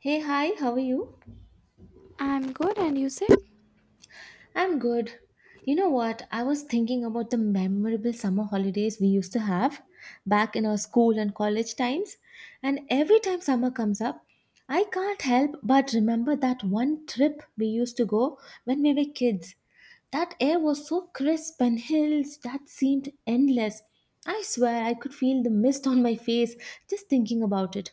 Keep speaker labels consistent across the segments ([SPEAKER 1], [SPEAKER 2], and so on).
[SPEAKER 1] Hey, hi, how are you?
[SPEAKER 2] I'm good, and you said?
[SPEAKER 1] I'm good. You know what? I was thinking about the memorable summer holidays we used to have back in our school and college times. And every time summer comes up, I can't help but remember that one trip we used to go when we were kids. That air was so crisp and hills that seemed endless. I swear I could feel the mist on my face just thinking about it.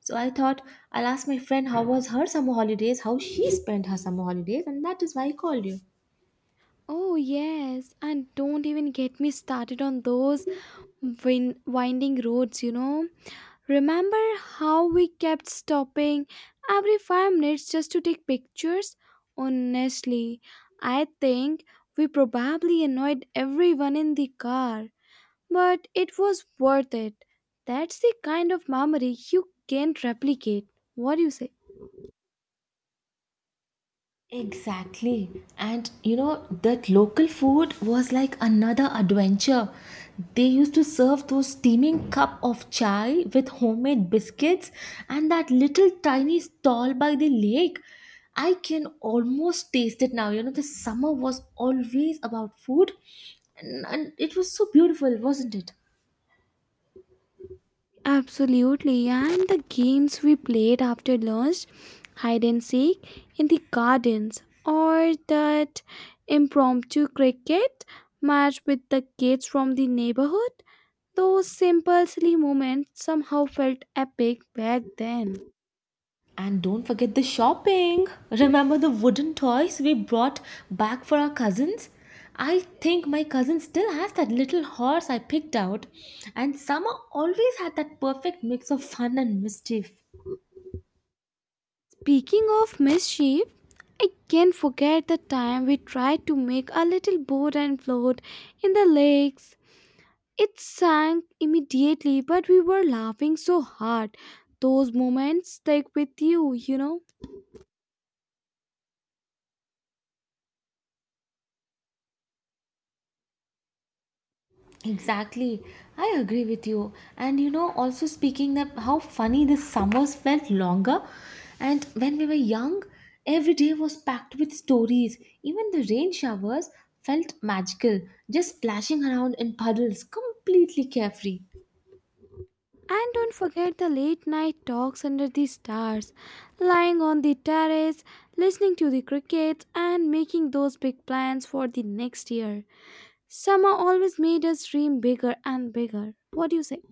[SPEAKER 1] So I thought I'll ask my friend how was her summer holidays, how she spent her summer holidays, and that is why I called you.
[SPEAKER 2] Oh, yes, and don't even get me started on those winding roads, you know. Remember how we kept stopping every 5 minutes just to take pictures? Honestly, I think we probably annoyed everyone in the car, but it was worth it. That's the kind of memory you can't replicate. What do you say?
[SPEAKER 1] Exactly. And you know, that local food was like another adventure. They used to serve those steaming cup of chai with homemade biscuits and that little tiny stall by the lake. I can almost taste it now. You know, the summer was always about food and it was so beautiful, wasn't it?
[SPEAKER 2] Absolutely, and the games we played after lunch, hide and seek in the gardens, or that impromptu cricket match with the kids from the neighborhood, those simple silly moments somehow felt epic back then.
[SPEAKER 1] And don't forget the shopping. Remember the wooden toys we brought back for our cousins? I think my cousin still has that little horse I picked out, and summer always had that perfect mix of fun and mischief.
[SPEAKER 2] Speaking of mischief, I can't forget the time we tried to make a little boat and float in the lakes. It sank immediately, but we were laughing so hard. Those moments stick with you, you know.
[SPEAKER 1] Exactly. I agree with you. And you know, also speaking that how funny the summers felt longer. And when we were young, every day was packed with stories. Even the rain showers felt magical, just splashing around in puddles, completely carefree.
[SPEAKER 2] And don't forget the late night talks under the stars, lying on the terrace, listening to the crickets, and making those big plans for the next year. Summer always made us dream bigger and bigger. What do you say?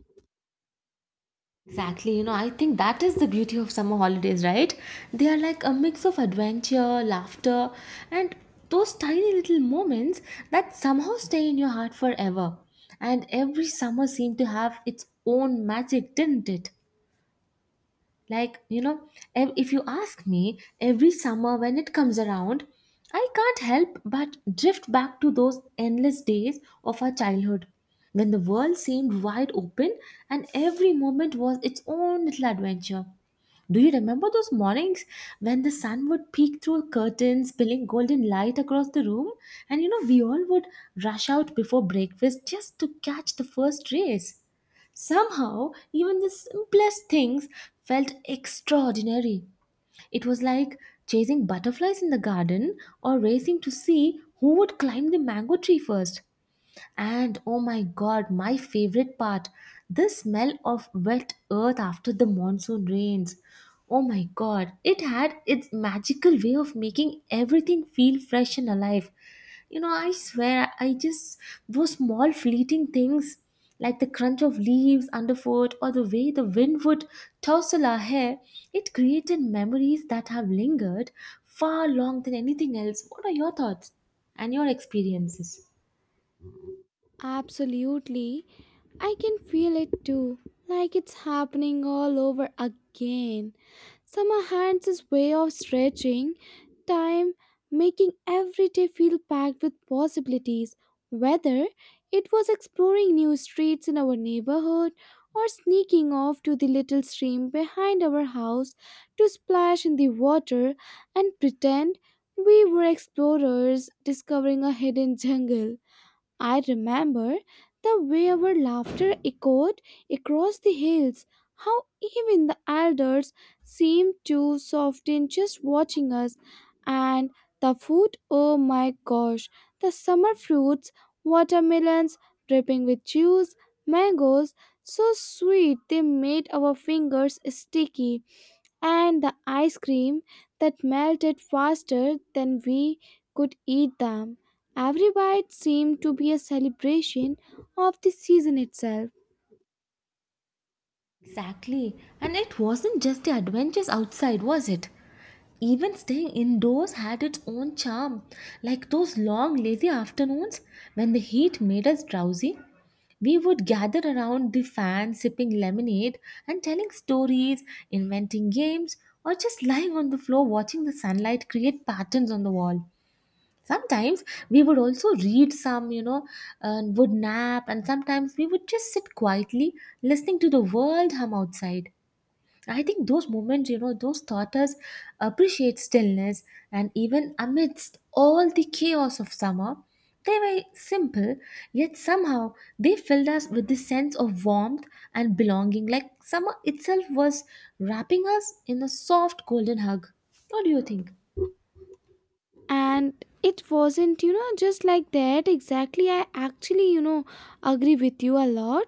[SPEAKER 1] Exactly, you know, I think that is the beauty of summer holidays, right? They are like a mix of adventure, laughter, and those tiny little moments that somehow stay in your heart forever. And every summer seemed to have its own magic, didn't it? Like, you know, if you ask me, every summer when it comes around, I can't help but drift back to those endless days of our childhood when the world seemed wide open and every moment was its own little adventure. Do you remember those mornings when the sun would peek through curtains, spilling golden light across the room? And you know, we all would rush out before breakfast just to catch the first rays. Somehow, even the simplest things felt extraordinary. It was like chasing butterflies in the garden or racing to see who would climb the mango tree first. And oh my god, my favorite part, the smell of wet earth after the monsoon rains. Oh my god, it had its magical way of making everything feel fresh and alive. You know, I swear, I just, those small fleeting things like the crunch of leaves underfoot or the way the wind would tousle our hair, it created memories that have lingered far longer than anything else. What are your thoughts and your experiences?
[SPEAKER 2] Absolutely. I can feel it too, like it's happening all over again. Summer hands his way of stretching time, making every day feel packed with possibilities, whether it was exploring new streets in our neighborhood or sneaking off to the little stream behind our house to splash in the water and pretend we were explorers discovering a hidden jungle. I remember the way our laughter echoed across the hills, how even the elders seemed to soften just watching us, and the food, oh my gosh, the summer fruits, watermelons dripping with juice, mangoes so sweet they made our fingers sticky, and the ice cream that melted faster than we could eat them. Every bite seemed to be a celebration of the season itself.
[SPEAKER 1] Exactly. And it wasn't just the adventures outside, was it? Even staying indoors had its own charm. Like those long, lazy afternoons when the heat made us drowsy, we would gather around the fan sipping lemonade and telling stories, inventing games, or just lying on the floor watching the sunlight create patterns on the wall. Sometimes we would also read some, you know, and would nap, and sometimes we would just sit quietly listening to the world hum outside. I think those moments, you know, those taught us appreciate stillness, and even amidst all the chaos of summer, they were simple, yet somehow they filled us with this sense of warmth and belonging, like summer itself was wrapping us in a soft golden hug. What do you think?
[SPEAKER 2] And it wasn't, you know, just like that exactly. I actually, you know, agree with you a lot.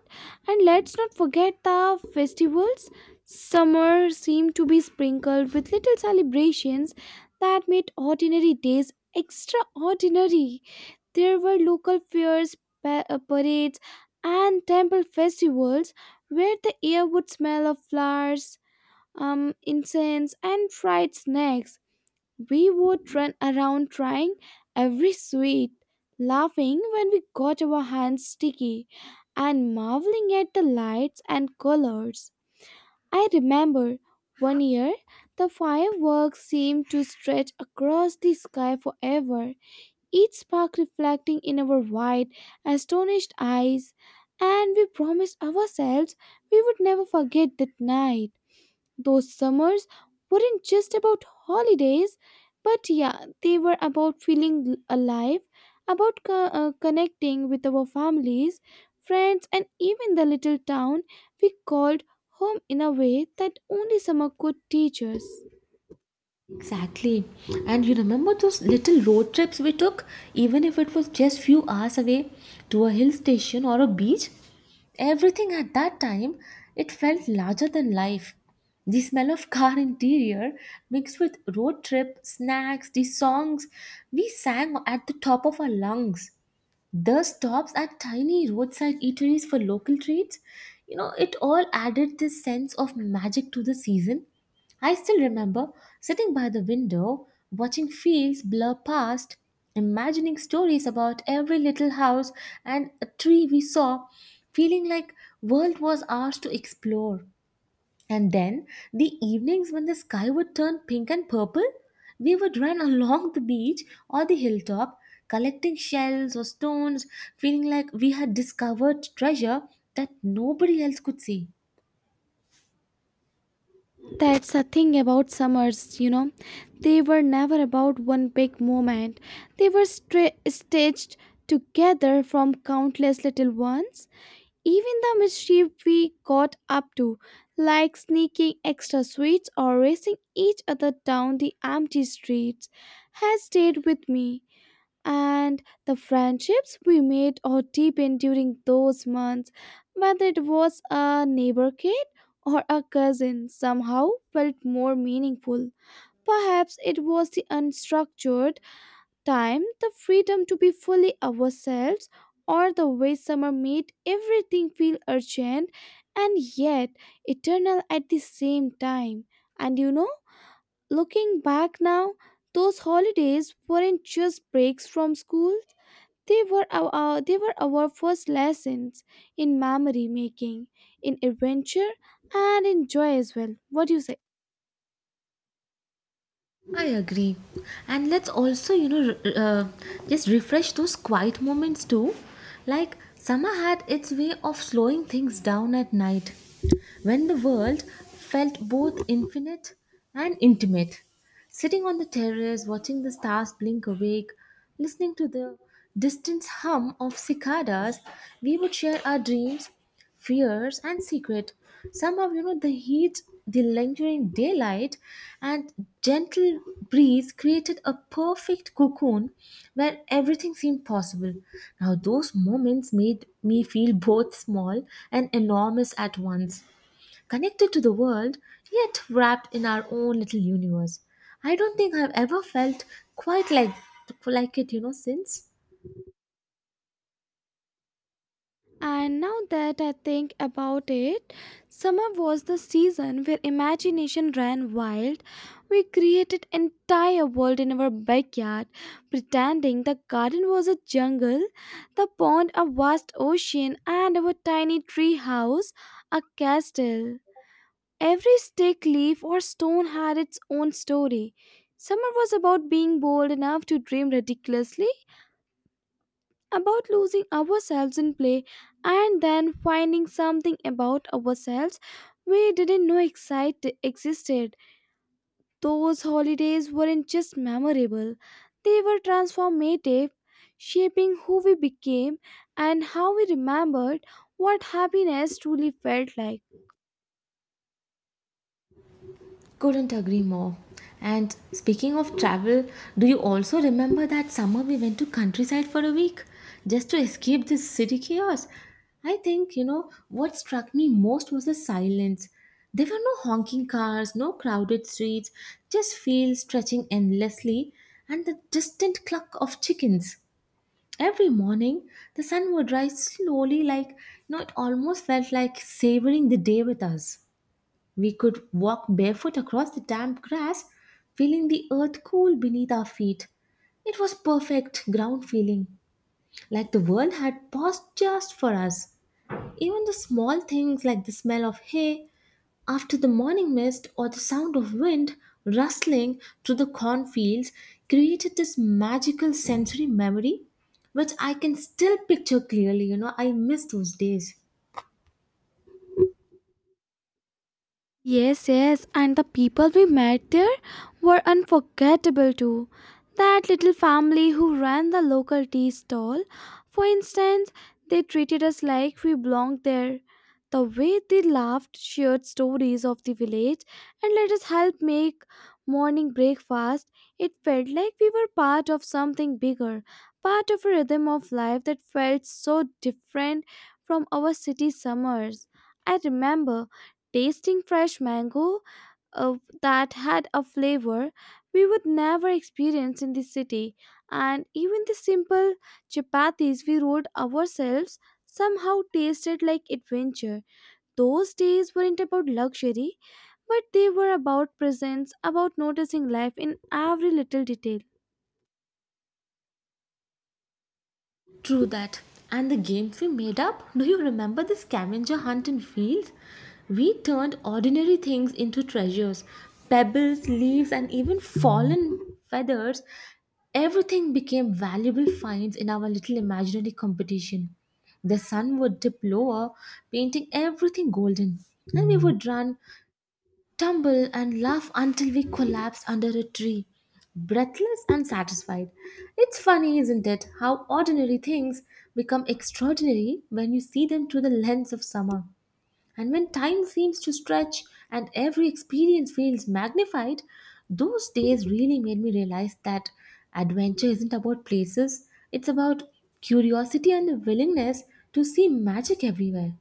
[SPEAKER 2] And let's not forget the festivals. Summer seemed to be sprinkled with little celebrations that made ordinary days extraordinary. There were local fairs, parades, and temple festivals where the air would smell of flowers, incense, and fried snacks. We would run around trying every sweet, laughing when we got our hands sticky, and marveling at the lights and colors. I remember one year the fireworks seemed to stretch across the sky forever, each spark reflecting in our wide, astonished eyes, and we promised ourselves we would never forget that night. Those summers weren't just about holidays, but yeah, they were about feeling alive, about connecting with our families, friends, and even the little town we called home in a way that only summer could teach us.
[SPEAKER 1] Exactly. And you remember those little road trips we took, even if it was just few hours away to a hill station or a beach? Everything at that time, it felt larger than life. The smell of car interior mixed with road trip, snacks, the songs we sang at the top of our lungs, the stops at tiny roadside eateries for local treats, you know, it all added this sense of magic to the season. I still remember sitting by the window watching fields blur past, imagining stories about every little house and a tree we saw, feeling like world was ours to explore. And then, the evenings when the sky would turn pink and purple, we would run along the beach or the hilltop, collecting shells or stones, feeling like we had discovered treasure that nobody else could see.
[SPEAKER 2] That's the thing about summers, you know. They were never about one big moment. They were stitched together from countless little ones. Even the mischief we got up to, like sneaking extra sweets or racing each other down the empty streets, has stayed with me, and the friendships we made or deepened during those months, whether it was a neighbor kid or a cousin, somehow felt more meaningful. Perhaps it was the unstructured time, the freedom to be fully ourselves, or the way summer made everything feel urgent and yet eternal at the same time. And you know, looking back now, those holidays weren't just breaks from school, they were they were our first lessons in memory making, in adventure, and in joy as well. What do you say?
[SPEAKER 1] I agree. And let's also, you know, just refresh those quiet moments too. Like, summer had its way of slowing things down at night, when the world felt both infinite and intimate. Sitting on the terrace, watching the stars blink awake, listening to the distant hum of cicadas, we would share our dreams, fears, and secret. Somehow, you know, the heat, the lingering daylight, and gentle breeze created a perfect cocoon where everything seemed possible. Now, those moments made me feel both small and enormous at once, connected to the world, yet wrapped in our own little universe. I don't think I've ever felt quite like it, you know, since.
[SPEAKER 2] And now that I think about it, summer was the season where imagination ran wild. We created entire world in our backyard, pretending the garden was a jungle, the pond a vast ocean, and our tiny tree house a castle. Every stick, leaf, or stone had its own story. Summer was about being bold enough to dream ridiculously, about losing ourselves in play, and then finding something about ourselves we didn't know excite existed. Those holidays weren't just memorable, they were transformative, shaping who we became and how we remembered what happiness truly felt like.
[SPEAKER 1] Couldn't agree more. And speaking of travel, do you also remember that summer we went to countryside for a week just to escape this city chaos? I think, you know, what struck me most was the silence. There were no honking cars, no crowded streets, just fields stretching endlessly and the distant cluck of chickens. Every morning, the sun would rise slowly, like, you know, it almost felt like savoring the day with us. We could walk barefoot across the damp grass, feeling the earth cool beneath our feet. It was perfect ground feeling, like the world had paused just for us. Even the small things like the smell of hay after the morning mist or the sound of wind rustling through the cornfields created this magical sensory memory, which I can still picture clearly. You know, I miss those days.
[SPEAKER 2] Yes, yes, and the people we met there were unforgettable too. That little family who ran the local tea stall, for instance, they treated us like we belonged there. The way they laughed, shared stories of the village, and let us help make morning breakfast, it felt like we were part of something bigger, part of a rhythm of life that felt so different from our city summers. I remember tasting fresh mango, uh, that had a flavor we would never experience in the city. And even the simple chapatis we rolled ourselves somehow tasted like adventure. Those days weren't about luxury, but they were about presence, about noticing life in every little detail.
[SPEAKER 1] True that. And the games we made up? Do you remember the scavenger hunt in fields? We turned ordinary things into treasures, pebbles, leaves, and even fallen feathers. Everything became valuable finds in our little imaginary competition. The sun would dip lower, painting everything golden. And we would run, tumble and laugh until we collapse under a tree, breathless and satisfied. It's funny, isn't it, how ordinary things become extraordinary when you see them through the lens of summer. And when time seems to stretch and every experience feels magnified, those days really made me realize that adventure isn't about places, it's about curiosity and a willingness to see magic everywhere.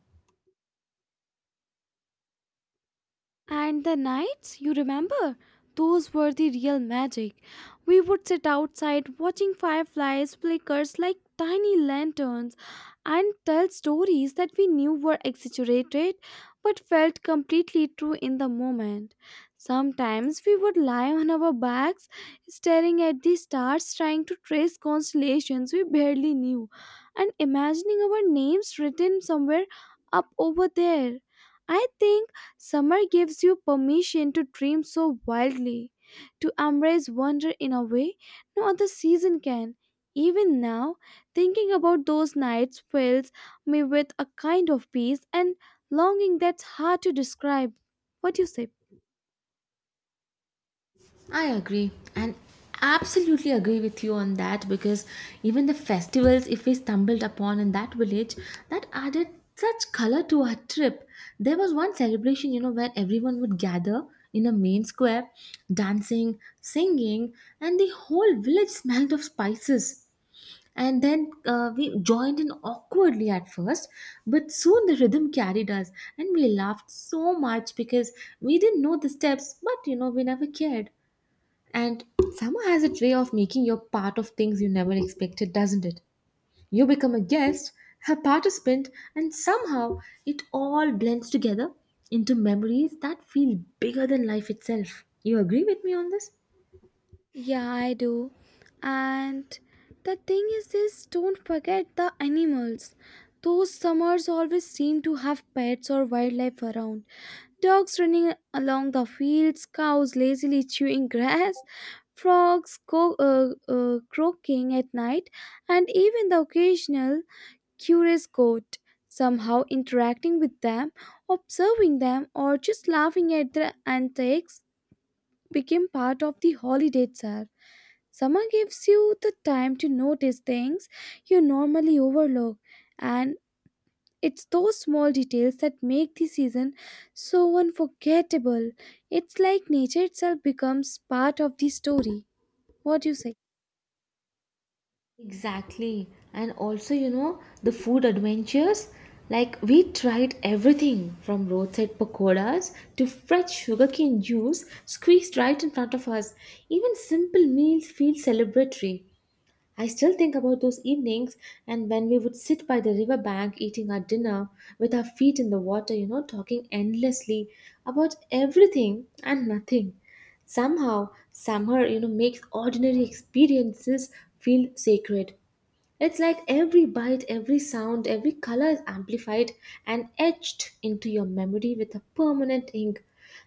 [SPEAKER 2] And the nights, you remember? Those were the real magic. We would sit outside watching fireflies flickers like tiny lanterns and tell stories that we knew were exaggerated but felt completely true in the moment. Sometimes we would lie on our backs staring at the stars, trying to trace constellations we barely knew and imagining our names written somewhere up over there. I think summer gives you permission to dream so wildly, to embrace wonder in a way no other season can. Even now, thinking about those nights fills me with a kind of peace and longing that's hard to describe. What do you say?
[SPEAKER 1] I agree and absolutely agree with you on that because even the festivals, if we stumbled upon in that village, that added such color to our trip. There was one celebration, you know, where everyone would gather in a main square, dancing, singing, and the whole village smelled of spices. And then we joined in awkwardly at first, but soon the rhythm carried us, and we laughed so much because we didn't know the steps, but you know, we never cared. And summer has its way of making you part of things you never expected, doesn't it? You become a guest, a participant, and somehow it all blends together into memories that feel bigger than life itself. You agree with me on this?
[SPEAKER 2] Yeah, I do. And the thing is don't forget the animals. Those summers always seem to have pets or wildlife around. Dogs running along the fields, cows lazily chewing grass, frogs croaking at night, and even the occasional curious goat, somehow interacting with them, observing them, or just laughing at their antics became part of the holiday itself. Summer gives you the time to notice things you normally overlook, and it's those small details that make the season so unforgettable. It's like nature itself becomes part of the story. What do you say?
[SPEAKER 1] Exactly. And also, you know, the food adventures. Like, we tried everything from roadside pakoras to fresh sugarcane juice squeezed right in front of us. Even simple meals feel celebratory. I still think about those evenings and when we would sit by the river bank eating our dinner with our feet in the water, you know, talking endlessly about everything and nothing. Somehow, summer, you know, makes ordinary experiences feel sacred. It's like every bite, every sound, every color is amplified and etched into your memory with a permanent ink.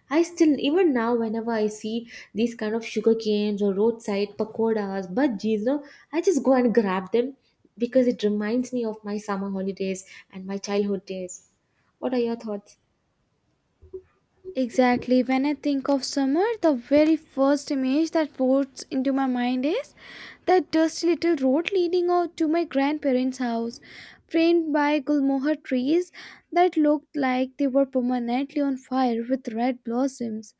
[SPEAKER 1] I still, even now, whenever I see these kind of sugar canes or roadside pakoras, bhajis, no, I just go and grab them because it reminds me of my summer holidays and my childhood days. What are your thoughts?
[SPEAKER 2] Exactly. When I think of summer, the very first image that floats into my mind is that dusty little road leading out to my grandparents' house, framed by gulmohar trees that looked like they were permanently on fire with red blossoms.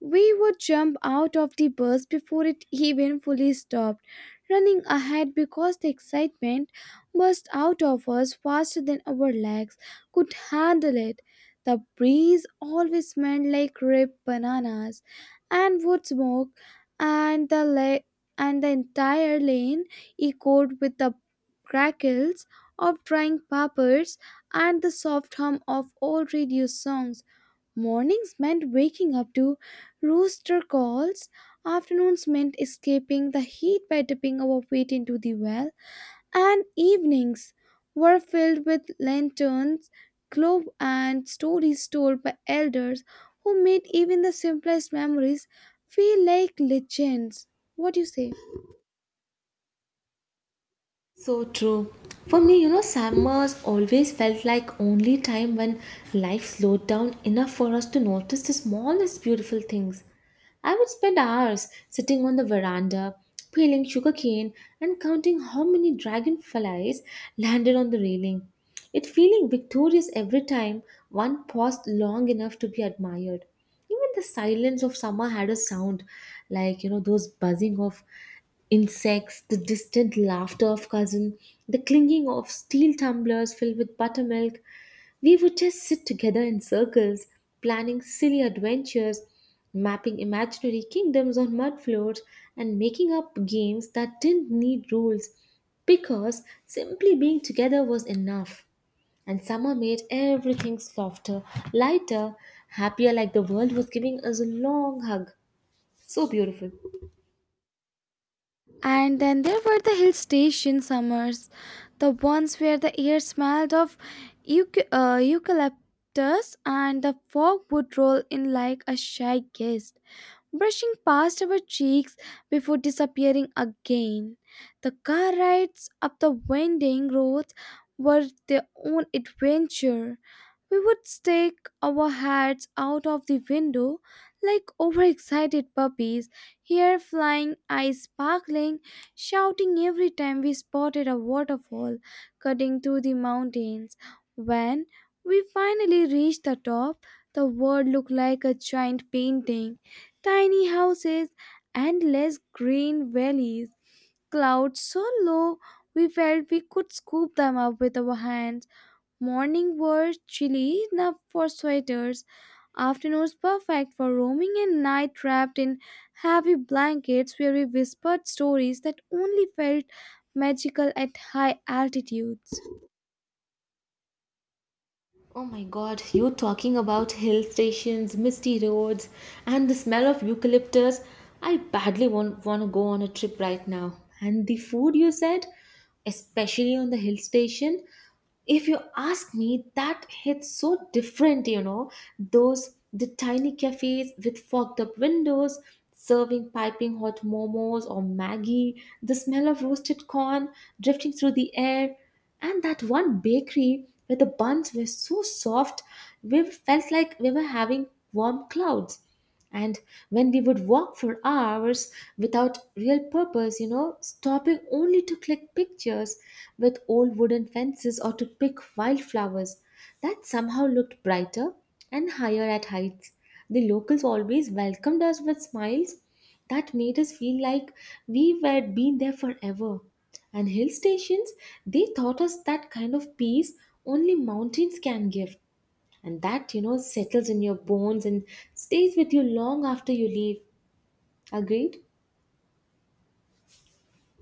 [SPEAKER 2] We would jump out of the bus before it even fully stopped, running ahead because the excitement burst out of us faster than our legs could handle it. The breeze always smelled like ripe bananas and wood smoke, and and the entire lane echoed with the crackles of drying peppers and the soft hum of old radio songs. Mornings meant waking up to rooster calls, afternoons meant escaping the heat by dipping our feet into the well, and evenings were filled with lanterns, glow, and stories told by elders who made even the simplest memories feel like legends. What do you say?
[SPEAKER 1] So true. For me, you know, summers always felt like only time when life slowed down enough for us to notice the smallest beautiful things. I would spend hours sitting on the veranda, peeling sugarcane and counting how many dragonflies landed on the railing. It feeling victorious every time one paused long enough to be admired. Even the silence of summer had a sound, like you know, those buzzing of insects, the distant laughter of cousin, the clinking of steel tumblers filled with buttermilk. We would just sit together in circles, planning silly adventures, mapping imaginary kingdoms on mud floors, and making up games that didn't need rules because simply being together was enough. And summer made everything softer, lighter, happier, like the world was giving us a long hug. So beautiful.
[SPEAKER 2] And then there were the hill station summers, the ones where the air smelled of eucalyptus, and the fog would roll in like a shy guest, brushing past our cheeks before disappearing again. The car rides up the winding roads were their own adventure. We would stick our heads out of the window like overexcited puppies, hair flying, eyes sparkling, shouting every time we spotted a waterfall cutting through the mountains. When we finally reached the top, the world looked like a giant painting. Tiny houses, endless green valleys, clouds so low we felt we could scoop them up with our hands. Morning were chilly enough for sweaters, afternoons perfect for roaming, and night wrapped in heavy blankets where we whispered stories that only felt magical at high altitudes.
[SPEAKER 1] Oh my god, you talking about hill stations, misty roads, and the smell of eucalyptus. I badly want to go on a trip right now. And the food you said, especially on the hill station, if you ask me, that hits so different, you know, those the tiny cafes with fogged up windows serving piping hot momos or maggie, the smell of roasted corn drifting through the air, and that one bakery where the buns were so soft we felt like we were having warm clouds. And when we would walk for hours without real purpose, you know, stopping only to click pictures with old wooden fences or to pick wildflowers that somehow looked brighter and higher at heights. The locals always welcomed us with smiles that made us feel like we had been there forever. And hill stations, they taught us that kind of peace only mountains can give, and that, you know, settles in your bones and stays with you long after you leave. Agreed.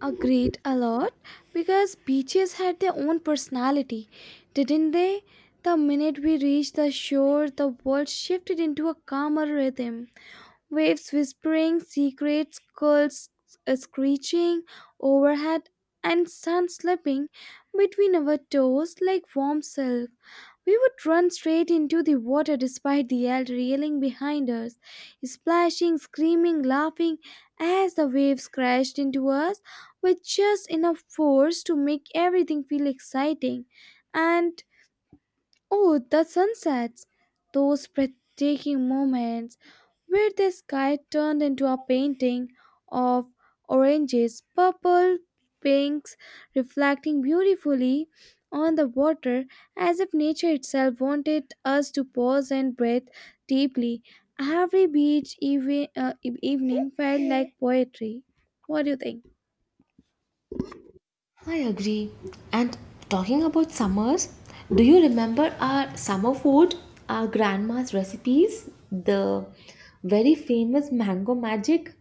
[SPEAKER 2] Agreed a lot, because beaches had their own personality, didn't they? The minute we reached the shore, the world shifted into a calmer rhythm. Waves whispering secrets, gulls screeching overhead, and sun slipping between our toes like warm silk. We would run straight into the water despite the yell reeling behind us, splashing, screaming, laughing as the waves crashed into us with just enough force to make everything feel exciting. And oh, the sunsets! Those breathtaking moments where the sky turned into a painting of oranges, purple, pinks, reflecting beautifully on the water as if nature itself wanted us to pause and breathe deeply. Every beach evening felt like poetry. What do you think?
[SPEAKER 1] I agree. And talking about summers, do you remember our summer food, our grandma's recipes, the very famous mango magic?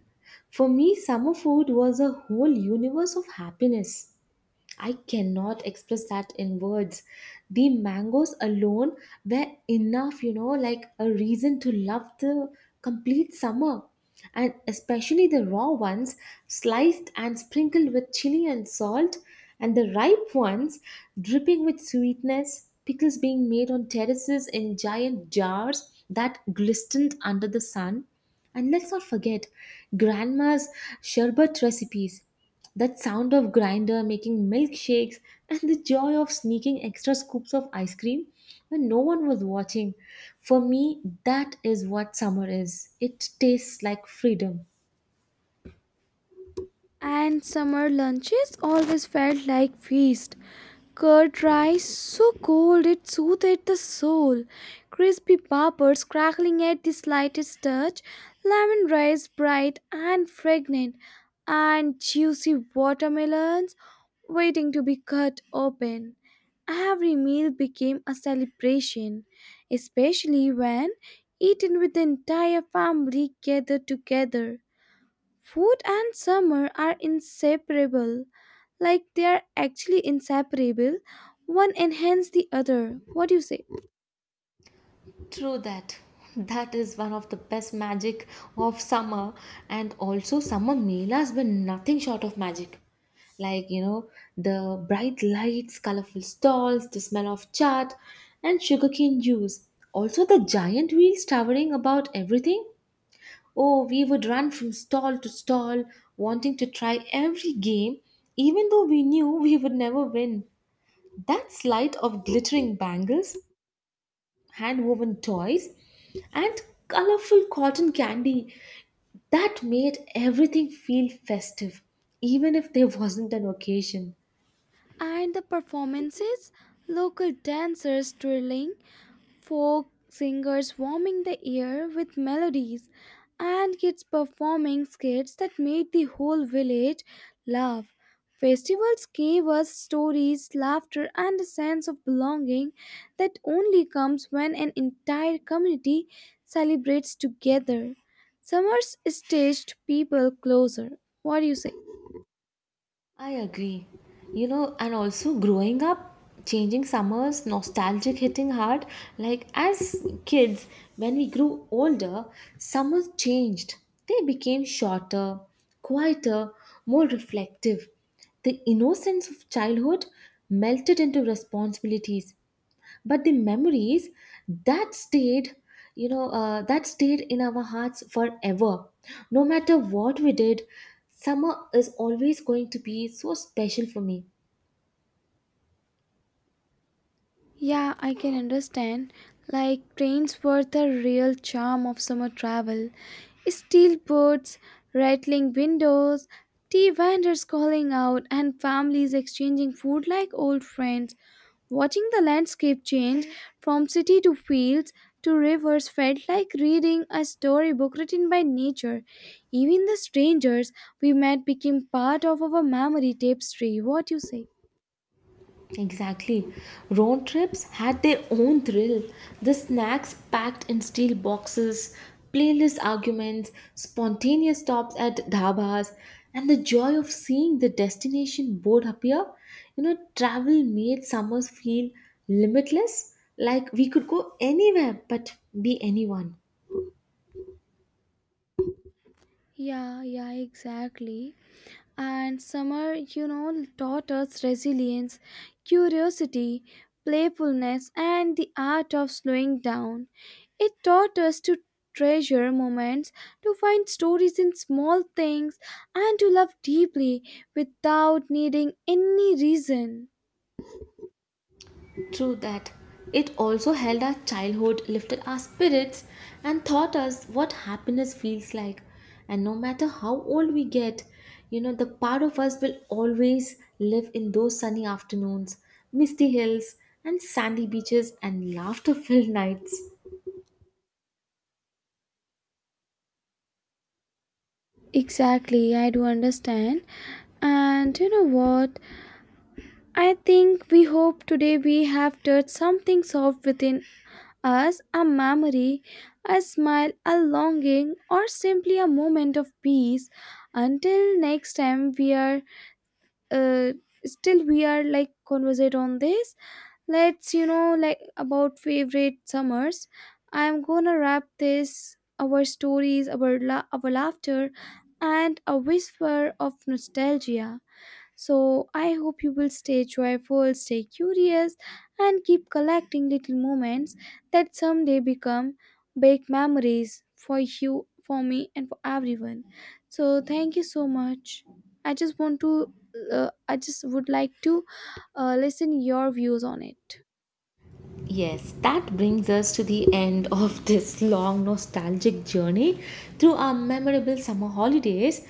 [SPEAKER 1] For me, summer food was a whole universe of happiness. I cannot express that in words. The mangoes alone were enough, you know, like a reason to love the complete summer. And especially the raw ones, sliced and sprinkled with chili and salt, and the ripe ones, dripping with sweetness, pickles being made on terraces in giant jars that glistened under the sun. And let's not forget grandma's sherbet recipes, that sound of grinder making milkshakes, and the joy of sneaking extra scoops of ice cream when no one was watching. For me, that is what summer is. It tastes like freedom.
[SPEAKER 2] And summer lunches always felt like feast. Curd rice, so cold it soothed the soul. Crispy poppers crackling at the slightest touch. Lemon rice, bright and fragrant, and juicy watermelons waiting to be cut open. Every meal became a celebration, especially when eaten with the entire family gathered together. Food and summer are inseparable, like they are actually inseparable. One enhances the other. What do you say?
[SPEAKER 1] True that. That is one of the best magic of summer. And also summer Mela has been nothing short of magic. Like, you know, the bright lights, colorful stalls, the smell of chaat and sugarcane juice. Also the giant wheels towering about everything. Oh, we would run from stall to stall, wanting to try every game, even though we knew we would never win. That sight of glittering bangles, hand woven toys, and colorful cotton candy that made everything feel festive, even if there wasn't an occasion.
[SPEAKER 2] And the performances, local dancers twirling, folk singers warming the air with melodies, and kids performing skits that made the whole village laugh. Festivals gave us stories, laughter, and a sense of belonging that only comes when an entire community celebrates together. Summers stitched people closer. What do you say?
[SPEAKER 1] I agree. You know, and also growing up, changing summers, nostalgic hitting hard. Like as kids, when we grew older, summers changed. They became shorter, quieter, more reflective. The innocence of childhood melted into responsibilities, but the memories that stayed, that stayed in our hearts forever. No matter what we did, summer is always going to be so special for me.
[SPEAKER 2] Yeah, I can understand. Like trains were the real charm of summer travel. Steel boats, rattling windows, tea vendors calling out, and families exchanging food like old friends. Watching the landscape change from city to fields to rivers felt like reading a storybook written by nature. Even the strangers we met became part of our memory tapestry. What you say?
[SPEAKER 1] Exactly. Road trips had their own thrill. The snacks packed in steel boxes, playlist arguments, spontaneous stops at dhabas, and the joy of seeing the destination board appear. You know, travel made summers feel limitless, like we could go anywhere but be anyone.
[SPEAKER 2] Yeah, yeah, exactly. And summer, you know, taught us resilience, curiosity, playfulness, and the art of slowing down. It taught us to treasure moments, to find stories in small things, and to love deeply without needing any reason.
[SPEAKER 1] True that. It also held our childhood, lifted our spirits, and taught us what happiness feels like. And no matter how old we get, you know, the part of us will always live in those sunny afternoons, misty hills, and sandy beaches, and laughter filled nights.
[SPEAKER 2] Exactly, I do understand. And you know what? I think we hope today we have touched something soft within, as a memory, a smile, a longing, or simply a moment of peace. Until next time, we are uh, still we are like conversate on this. Let's you know like about favorite summers. I am gonna wrap this our stories, our laughter, and a whisper of nostalgia. So I hope you will stay joyful, stay curious, and keep collecting little moments that someday become big memories for you, for me, and for everyone. So thank you so much. I just want to, I just would like to listen your views on it.
[SPEAKER 1] Yes, that brings us to the end of this long nostalgic journey through our memorable summer holidays.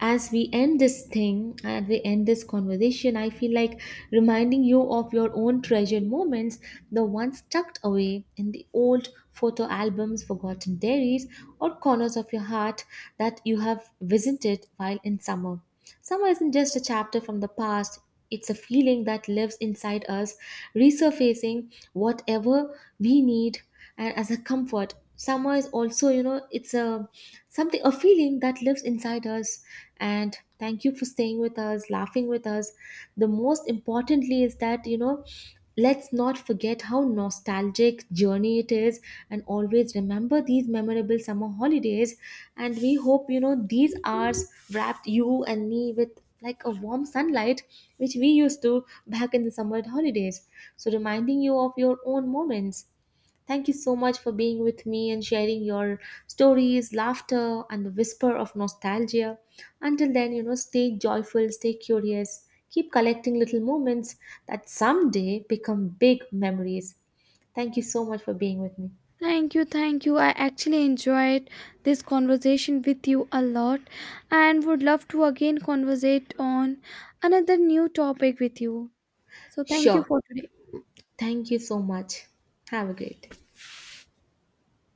[SPEAKER 1] As we end this thing and we end this conversation, I feel like reminding you of your own treasured moments, the ones tucked away in the old photo albums, forgotten diaries, or corners of your heart that you have visited while in summer. Summer isn't just a chapter from the past, it's a feeling that lives inside us, resurfacing whatever we need and as a comfort. Summer is also, you know, it's a something a feeling that lives inside us. And thank you for staying with us, laughing with us. The most importantly is that, you know, let's not forget how nostalgic journey it is, and always remember these memorable summer holidays. And we hope, you know, these hours wrapped you and me with like a warm sunlight which we used to back in the summer holidays. So reminding you of your own moments. Thank you so much for being with me and sharing your stories, laughter, and the whisper of nostalgia. Until then, you know, stay joyful, stay curious, keep collecting little moments that someday become big memories. Thank you so much for being with me.
[SPEAKER 2] Thank you, thank you. I actually enjoyed this conversation with you a lot, and would love to again conversate on another new topic with you. So thank you
[SPEAKER 1] Sure.
[SPEAKER 2] for today.
[SPEAKER 1] Thank you so much. Have a great day.